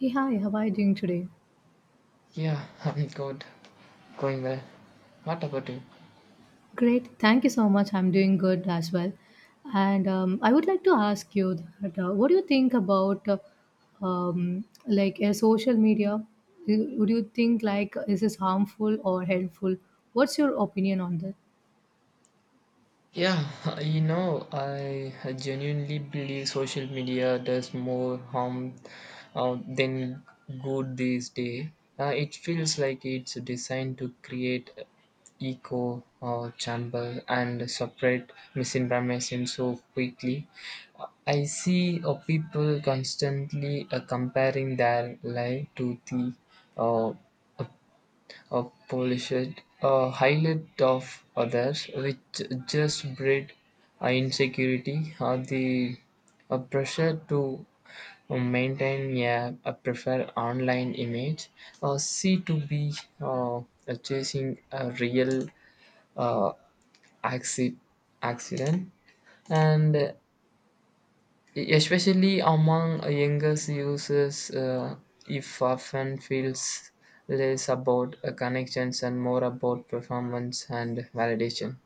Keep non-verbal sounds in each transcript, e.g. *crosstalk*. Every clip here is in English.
Hey, hi, how are you doing today? Yeah, *laughs* I'm good. Going well. What about you? Great, thank you so much. I'm doing good as well. And I would like to ask you that, what do you think about social media? Would you think like is this harmful or helpful? What's your opinion on this? Yeah, *laughs* I genuinely believe social media does more harm than good these days. It feels like it's designed to create echo or chamber and separate misinformation so quickly. I see people constantly comparing their life to the uh, or polished highlight of others, which just breed insecurity or the pressure to maintain a preferred online image, or see to be uh, chasing a real uh, acci- accident, and especially among younger users if often feels less about connections and more about performance and validation.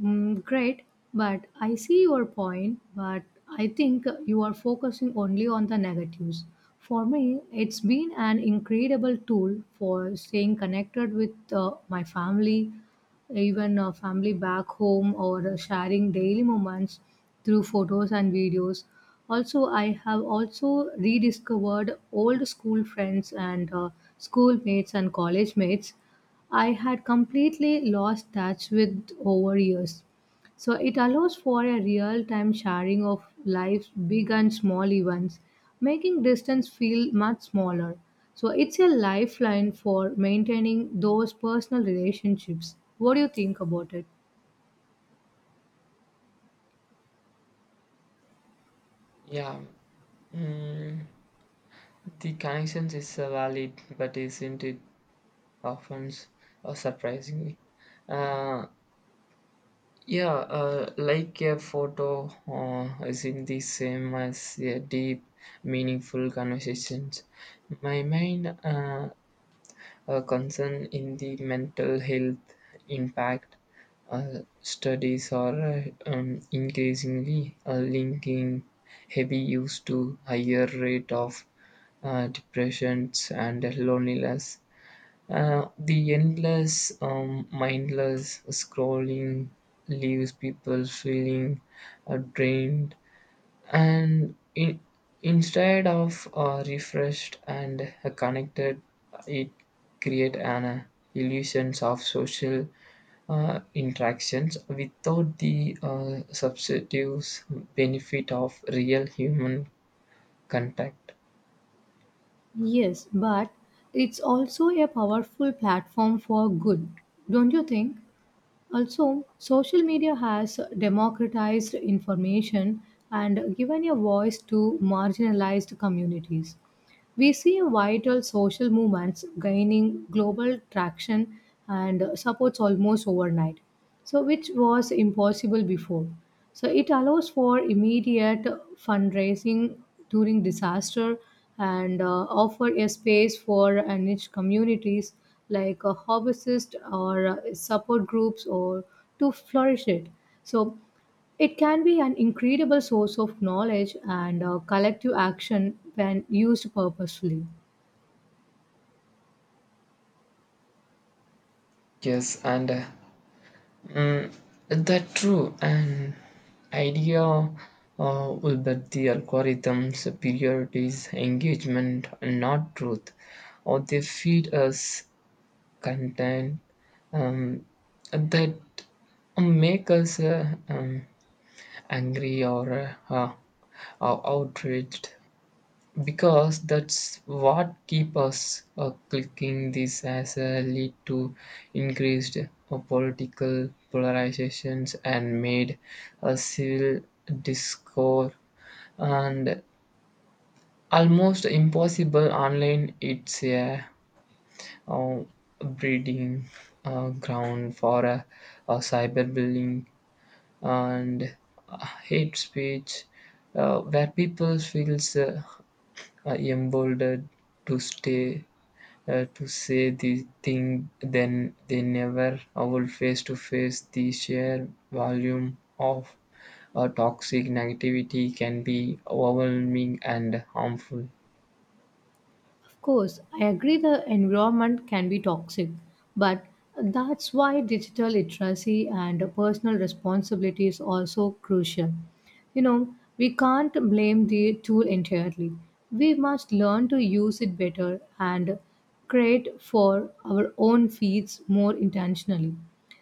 Mm, great, but I see your point, but I think you are focusing only on the negatives. For me, it's been an incredible tool for staying connected with my family, even family back home, or sharing daily moments through photos and videos. Also, I have also rediscovered old school friends and schoolmates and college mates I had completely lost touch with over years. So it allows for a real time sharing of life's big and small events, making distance feel much smaller. So it's a lifeline for maintaining those personal relationships. What do you think about it? yeah mm, the connections is valid, but isn't it often s- surprisingly uh, yeah like a photo isn't the same as a deep meaningful conversations my mind. A concern in the mental health impact, studies are increasingly linking heavy use to higher rate of depressions and loneliness. The endless, mindless scrolling leaves people feeling drained, and in, instead of refreshed and connected. It create an illusions of social interactions without the substitutes benefit of real human contact. Yes, but it's also a powerful platform for good, don't you think? Also, social media has democratized information and given a voice to marginalized communities. We see vital social movements gaining global traction and supports almost overnight, so which was impossible before. So it allows for immediate fundraising during disaster and offer a space for niche communities like a harvest or support groups or to flourish it. So it can be an incredible source of knowledge and collective action when used purposefully. yes and uh, mm, that true and idea with that the algorithms priorities engagement and not truth, or they feed us content um, that make us angry or or outraged, because that's what keep us clicking. This as a lead to increased political polarizations and made a civil discord and almost impossible online. It's a uh, breeding ground for cyberbullying and hate speech, where people feels emboldened to stay to say the thing then they never will face to face. The sheer volume of toxic negativity can be overwhelming and harmful. Of course, I agree the environment can be toxic, but that's why digital literacy and personal responsibility is also crucial. You know, we can't blame the tool entirely. We must learn to use it better and create for our own feeds more intentionally.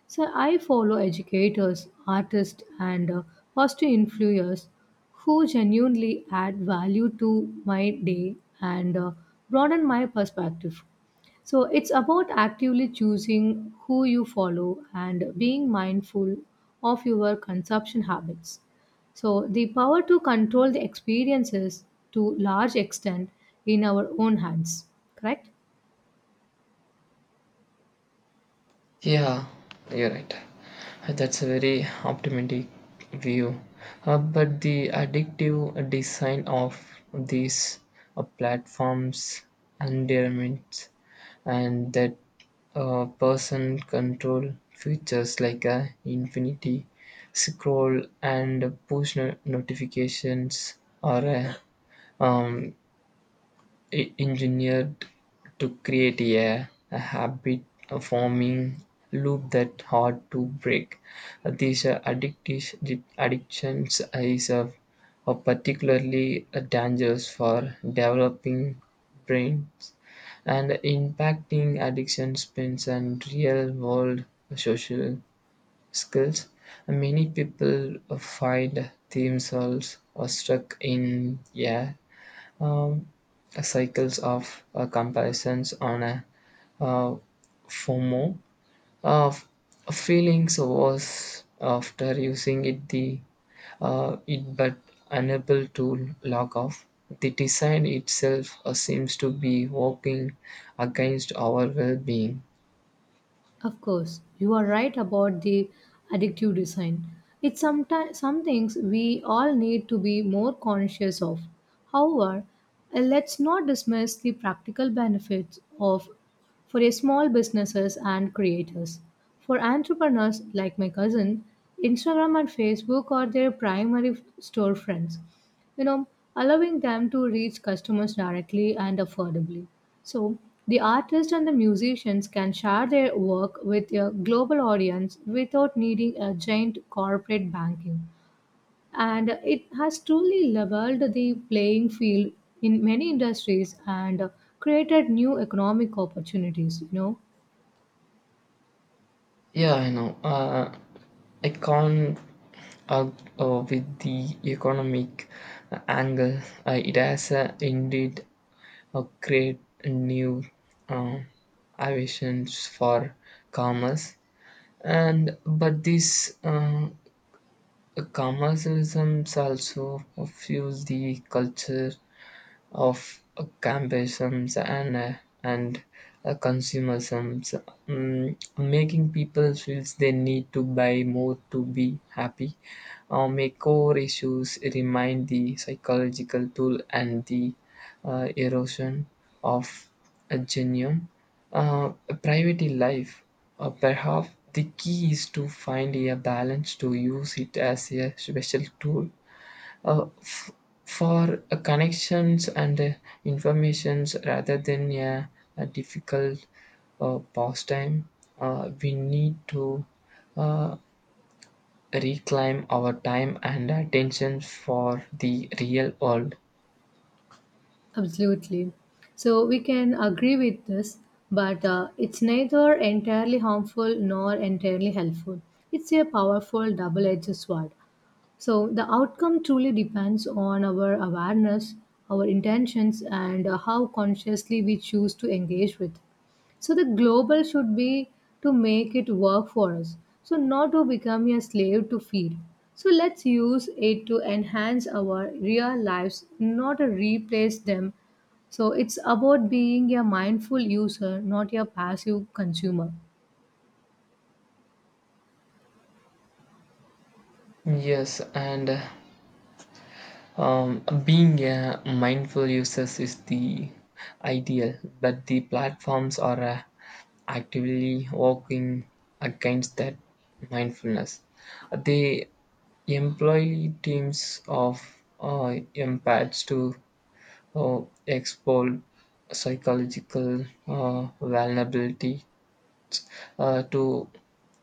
So I follow educators, artists, and positive influencers who genuinely add value to my day and broaden my perspective. So it's about actively choosing who you follow and being mindful of your consumption habits. So the power to control the experiences to large extent in our own hands, correct? Yeah, you're right. That's a very optimistic view. But the addictive design of these platforms endearments and that person control features like infinity scroll and push notifications or um, e- engineered to create a habit-forming loop that's hard to break. These addictions is particularly dangerous for developing brains and impacting addiction spins and real-world social skills. Many people find themselves stuck in a um, cycles of comparisons on a uh, FOMO uh, feelings was after using it but unable to log off. The design itself seems to be working against our well-being. Of course, you are right about the addictive design. It's sometimes some things we all need to be more conscious of. However, let's not dismiss the practical benefits of for a small businesses and creators. For entrepreneurs like my cousin, Instagram and Facebook are their primary storefronts, you know, allowing them to reach customers directly and affordably. So, the artists and the musicians can share their work with a global audience without needing a giant corporate banking. And it has truly leveled the playing field in many industries and created new economic opportunities, you know. Yeah, I know. I can't uh, with the economic angle. It has indeed a great new uh, aviations for commerce, and but these commercialisms also fuels the culture of escapism, and consumerism, making people feel they need to buy more to be happy. My core issues remind the psychological tool and the erosion of a genuine uh, private life. Perhaps the key is to find a balance, to use it as a special tool uh, f- for connections and informations, rather than a difficult pastime. We need to uh, reclaim our time and attention for the real world. Absolutely. So we can agree with this, but it's neither entirely harmful nor entirely helpful. It's a powerful double edged sword. So the outcome truly depends on our awareness, our intentions, and how consciously we choose to engage with. So the global should be to make it work for us, so not to become a slave to feed. So let's use it to enhance our real lives, not to replace them. So it's about being a mindful user, not a passive consumer. Yes, and Being a mindful user is the ideal, but the platforms are actively working against that mindfulness. They employ teams of empaths to exploit psychological vulnerability to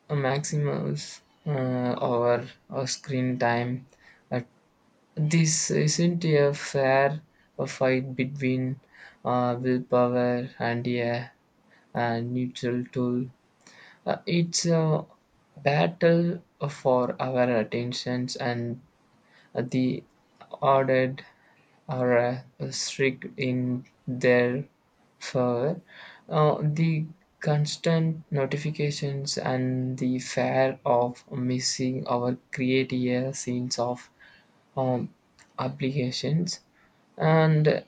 maximize our screen time. uh, this isn't a fair fight between willpower and a neutral tool. It's a battle for our attentions, and the ordered are strict in their favor. The constant notifications and the fear of missing our create a sense of um, applications and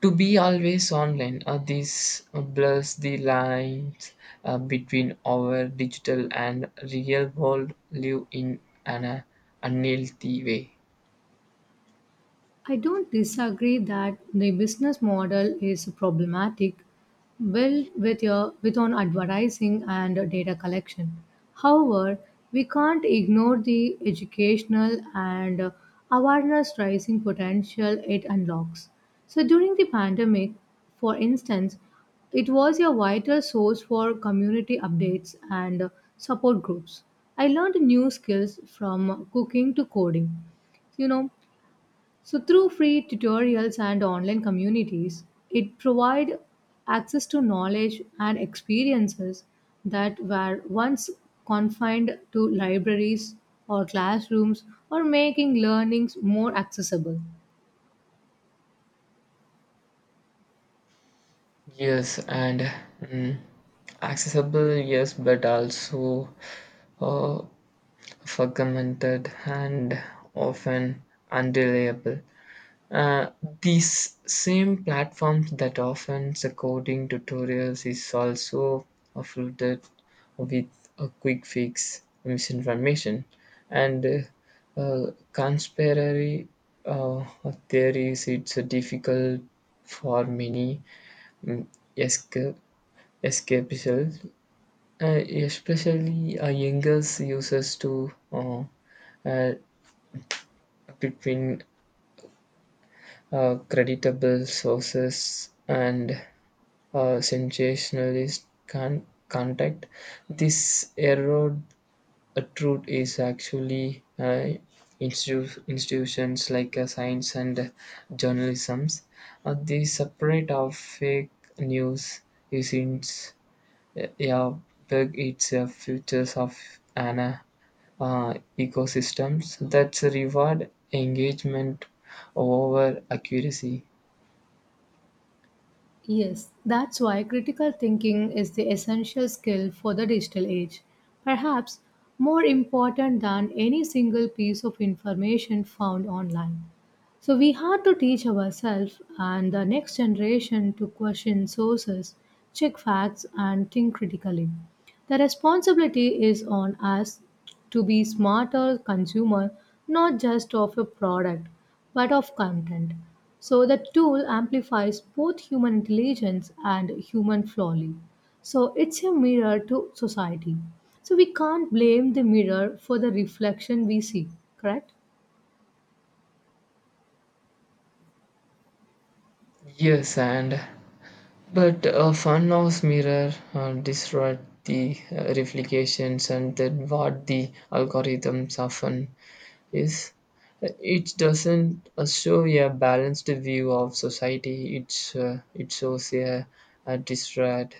to be always online. This blurs the lines between our digital and real world, live in an unhealthy way. I don't disagree that the business model is problematic, built with your with on advertising and data collection. However, we can't ignore the educational and awareness raising potential it unlocks. So during the pandemic, for instance, it was a vital source for community updates and support groups. I learned new skills from cooking to coding, you know, so through free tutorials and online communities, it provide access to knowledge and experiences that were once confined to libraries or classrooms, or making learnings more accessible. yes and mm, Accessible, yes, but also uh, fragmented and often unreliable. Uh, these same platforms that often coding tutorials is also flooded with a quick fix, misinformation, and conspiracy uh, theories. It's difficult for many, mm, esca- escapists, especially younger users, to uh, between creditable sources and sensationalist contact. This erode a truth is actually institutions like science and journalisms. The separate of fake news is in, yeah, big its futures of an ecosystems that reward engagement over accuracy. Yes, that's why critical thinking is the essential skill for the digital age. Perhaps more important than any single piece of information found online. So we had to teach ourselves and the next generation to question sources, check facts, and think critically. The responsibility is on us to be smarter consumer, not just of a product, but of content. So the tool amplifies both human intelligence and human folly. So it's a mirror to society. So we can't blame the mirror for the reflection we see, correct? Yes, and But a funhouse mirror disrupt the replications, and then what the algorithms often is. It doesn't show a balanced view of society. It's, it shows a disrupt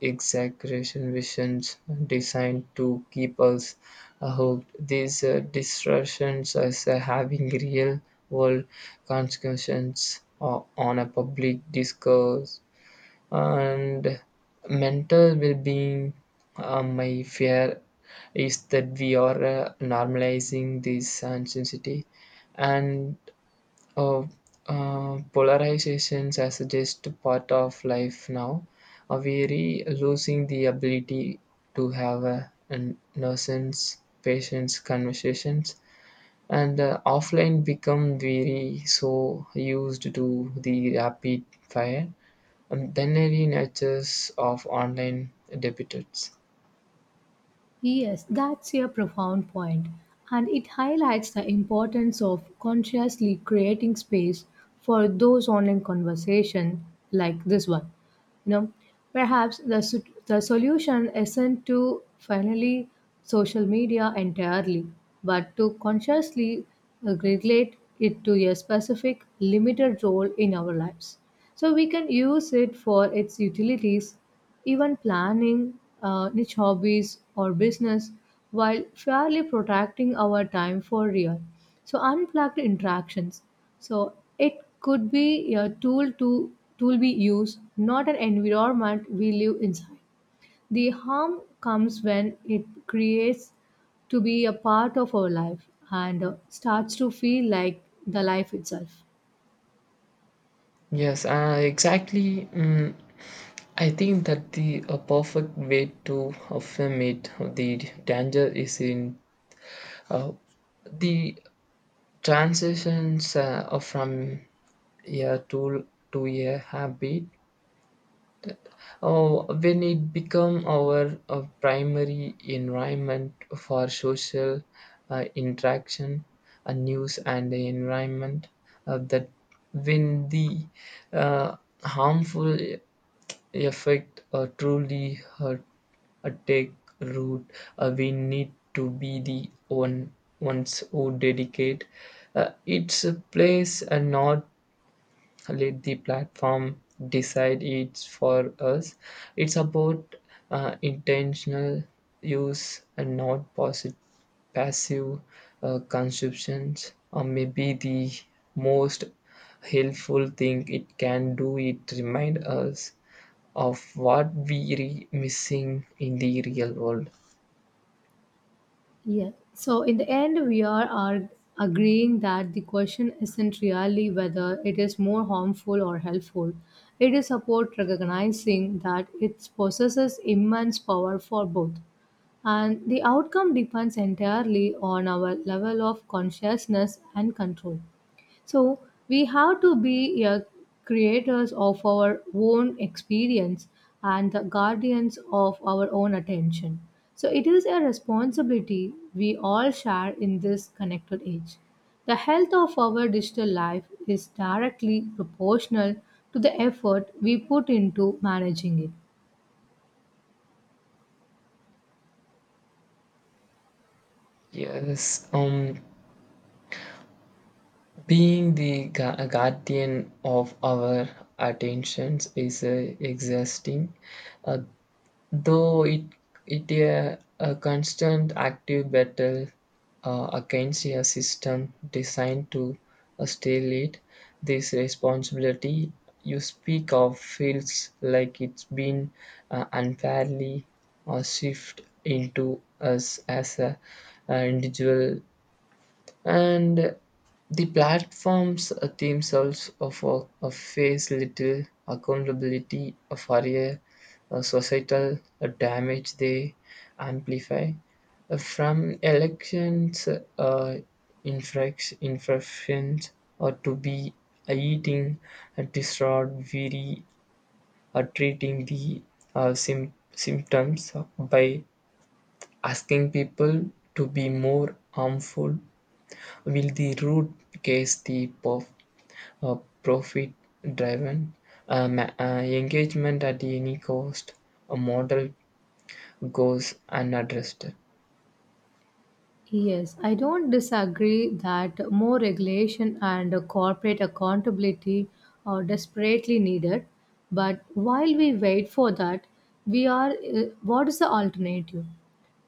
exaggeration visions designed to keep us hooked. These disruptions as having real world consequences on a public discourse and mental well-being. My fear is that we are normalizing this intensity and uh, uh, polarizations as just part of life now. Are we losing the ability to have a nonsense patience conversations, and offline become very so used to the rapid fire binary natures of online debitors. Yes, that's a profound point, and it highlights the importance of consciously creating space for those online conversations like this one. You know, perhaps the solution isn't to finally social media entirely, but to consciously relate it to a specific limited role in our lives. So we can use it for its utilities, even planning niche hobbies or business, while fairly protecting our time for real. So unplugged interactions. So it could be a tool we use, not an environment we live inside. The harm comes when it creates to be a part of our life and starts to feel like the life itself. Yes, exactly. I think that the a perfect way to affirm it, the danger is in uh, the transitions of from a tool to a habit. When it become our primary environment for social interaction, news and the environment, that when the uh, harmful effect truly take root. We need to be the ones who dedicate its place and not let the platform decide it for us. It's about intentional use and not passive consumptions. Or maybe the most helpful thing it can do it remind us of what we missing in the real world. Yeah. So in the end, we are agreeing that the question isn't really whether it is more harmful or helpful. It is about recognizing that it possesses immense power for both. And the outcome depends entirely on our level of consciousness and control. So we have to be creators of our own experience and the guardians of our own attention. So it is a responsibility we all share in this connected age. The health of our digital life is directly proportional to the effort we put into managing it. Yes, being the guardian of our attentions is exhausting. Uh, Though it a constant active battle against a system designed to steal it. This responsibility you speak of feels like it's been unfairly shifted into us as a, individual, and the platforms themselves of face little accountability for a societal damage they amplify. From elections uh, infractions, or to be eating disordered weary, or treating the uh, sym- symptoms by asking people to be more harmful. Will the root case the uh, profit driven engagement at any cost? A model goes unaddressed. Yes, I don't disagree that more regulation and corporate accountability are desperately needed. But while we wait for that, we are what is the alternative?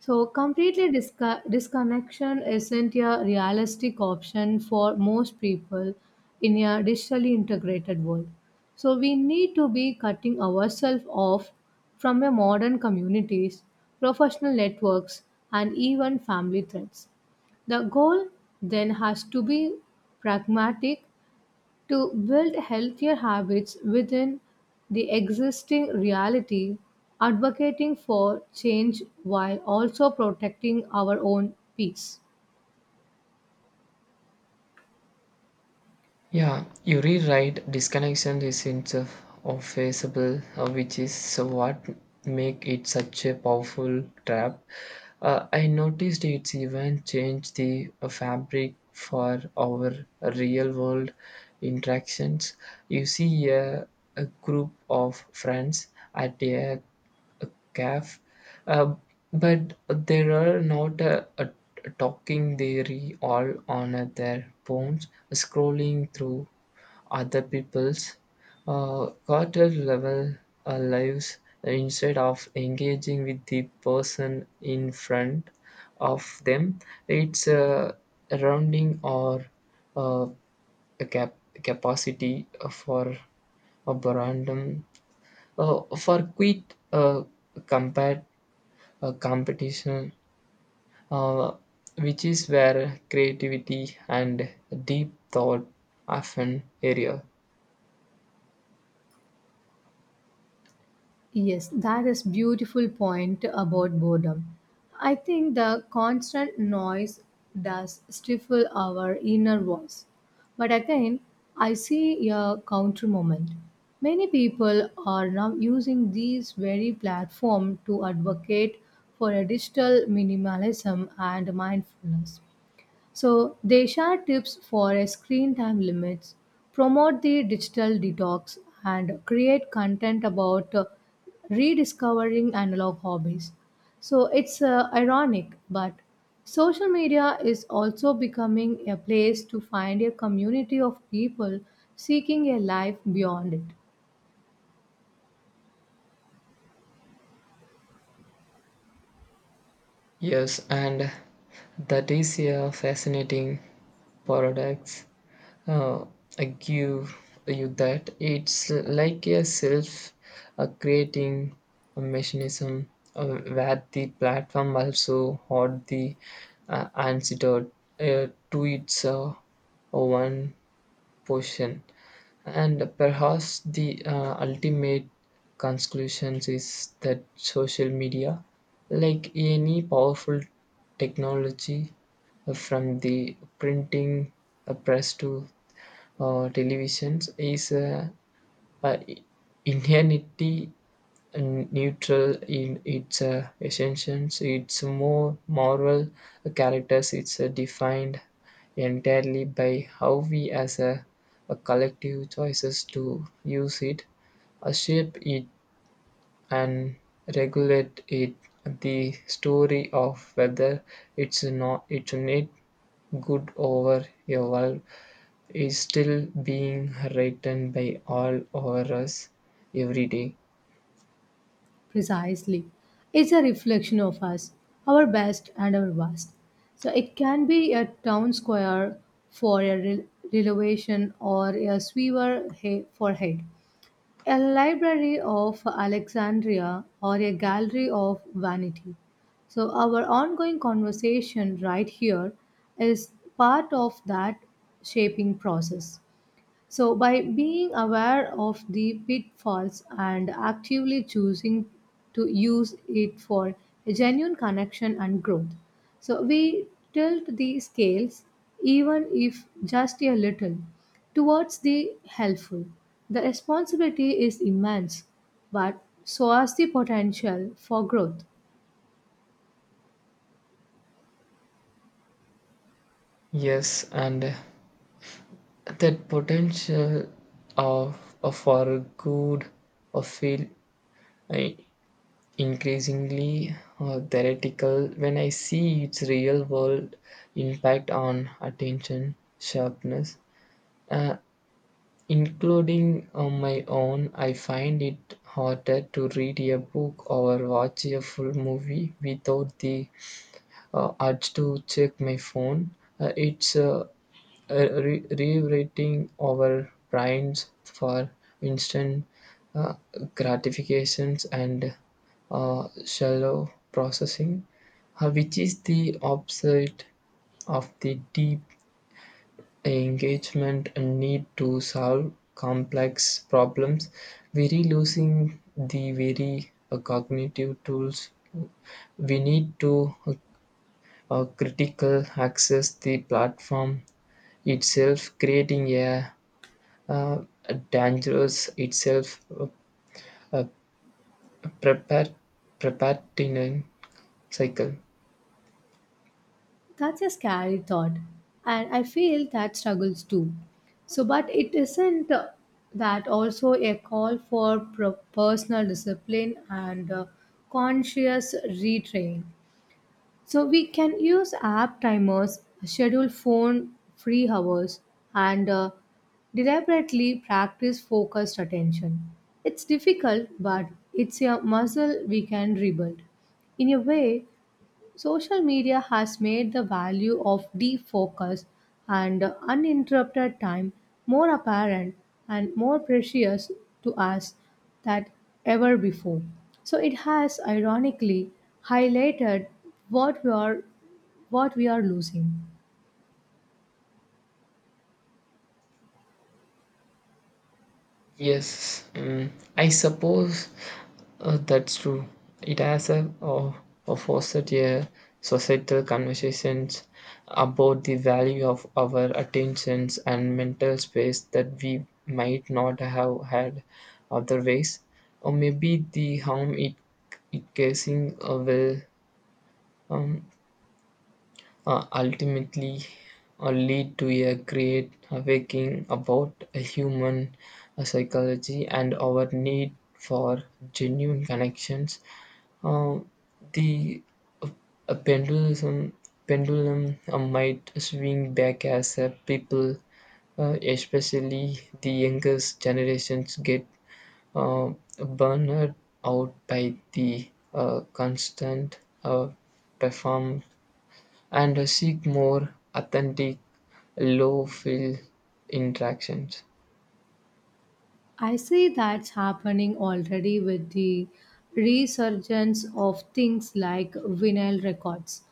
So, completely disconnection isn't a realistic option for most people in a digitally integrated world. So, we need to be cutting ourselves off from a modern communities, professional networks, and even family threads. The goal then has to be pragmatic, to build healthier habits within the existing reality, advocating for change while also protecting our own peace. Yeah, you rewrite disconnection is itself offensible, which is so what make it such a powerful trap. I noticed it's even changed the fabric for our real world interactions. You see a group of friends at a calf. Uh, but there are not a talking dairy, all on their phones, scrolling through other people's quarter level lives instead of engaging with the person in front of them. It's a rounding or uh, a capacity for a random for quick combat competition, uh, which is where creativity and deep thought often area. Yes, that is beautiful point about boredom. I think the constant noise does stifle our inner voice. But again, I see a counter moment. Many people are now using these very platform to advocate for a digital minimalism and mindfulness. So they share tips for a screen time limits, promote the digital detox, and create content about rediscovering analog hobbies. So it's ironic, but social media is also becoming a place to find a community of people seeking a life beyond it. Yes, and that is a fascinating paradox. uh, I give you that. It's like a self creating a mechanism where the platform also hold the antidote to its one portion. And perhaps the ultimate conclusion is that social media, like any powerful technology, from the printing press to televisions, is uh, inherently neutral in its essence. Its more moral characters, it's defined entirely by how we as a collective choices to use it, shape it, and regulate it. The story of whether it's not good over a world is still being written by all over us every day. Precisely. It's a reflection of us, our best and our worst. So it can be a town square for renovation or a for head, a library of Alexandria or a gallery of vanity. So our ongoing conversation right here is part of that shaping process. So, by being aware of the pitfalls and actively choosing to use it for a genuine connection and growth, so we tilt the scales, even if just a little, towards the helpful. The responsibility is immense, but so is the potential for growth. Yes, and that potential of, for good of feel I, increasingly theoretical when I see its real world impact on attention sharpness, uh, including on my own. I find it harder to read a book or watch a full movie without the had to check my phone. It's rewriting our brains for instant uh, gratifications and shallow processing, which is the opposite of the deep engagement and need to solve complex problems. Very losing the very cognitive tools we need to critical access the platform itself, creating a, uh, a dangerous itself uh, prepar- preparatine cycle. That's a scary thought, and I feel that struggles too. So, but it isn't that also a call for personal discipline and conscious retrain? So, we can use app timers, schedule phone free hours, and deliberately practice focused attention. It's difficult, but it's a muscle we can rebuild. In a way, social media has made the value of defocus and uninterrupted time more apparent and more precious to us than ever before. So it has ironically highlighted what we are what we are losing. Yes, I suppose that's true. It has a a fostered a societal conversations about the value of our attentions and mental space that we might not have had otherwise. Or maybe the harm it causing will um, ultimately lead to a great awakening about a human psychology and our need for genuine connections. Uh, the uh, a pendulum pendulum might swing back as people, especially the youngest generations, get uh, burned out by the constant perform, and seek more authentic, low fill interactions. I see that's happening already with the resurgence of things like vinyl records,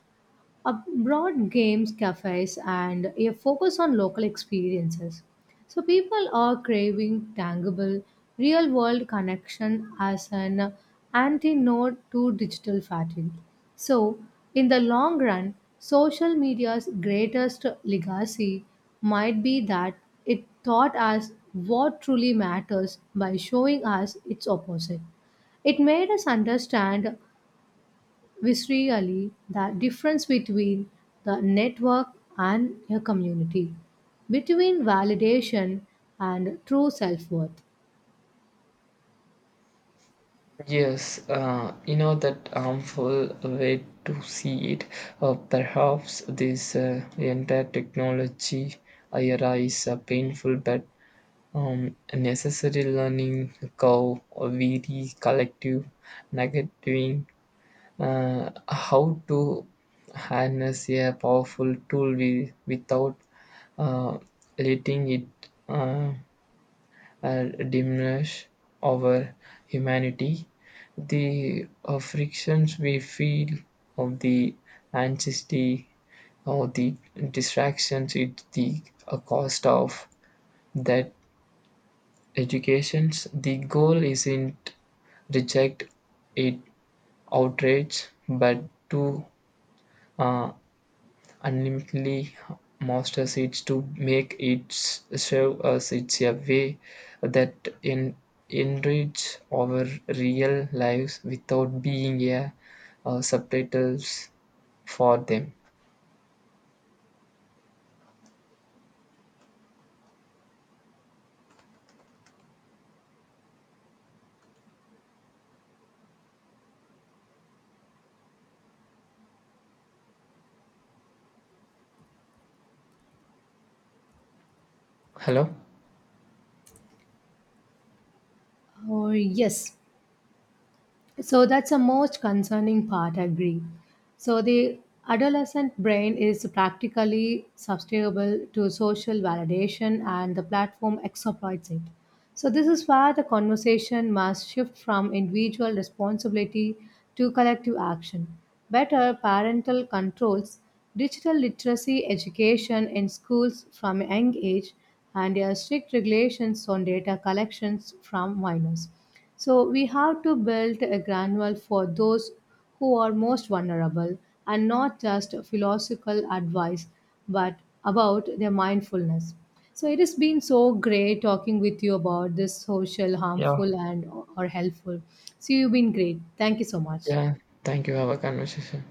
a broad games cafes, and a focus on local experiences. So people are craving tangible real world connection as an antidote to digital fatigue. So in the long run, social media's greatest legacy might be that it taught us what truly matters by showing us its opposite. It made us understand was really the difference between the network and a community, between validation and true self worth. Yes, you know, that harmful way to see it. Perhaps this entire technology era is a painful but necessary learning curve of very collective negating how to harness a powerful tool without uh, letting it uh, diminish our humanity. The frictions we feel of the anxiety or the distractions at the cost of that educations. The goal isn't reject it outrage, but to uh, ultimately masters it, to make it serve us it's a way that en- enrich our real lives without being a subtitles for them. Hello? Or yes, so that's the most concerning part, I agree. So the adolescent brain is practically susceptible to social validation and the platform exploits it. So this is where the conversation must shift from individual responsibility to collective action. Better parental controls, digital literacy education in schools from a young age, and strict regulations on data collections from minors. So we have to build a granular for those who are most vulnerable, and not just philosophical advice but about their mindfulness. So it has been so great talking with you about this social Yeah, harmful and or helpful. So you've been great. Thank you so much. yeah, thank you, have a conversation.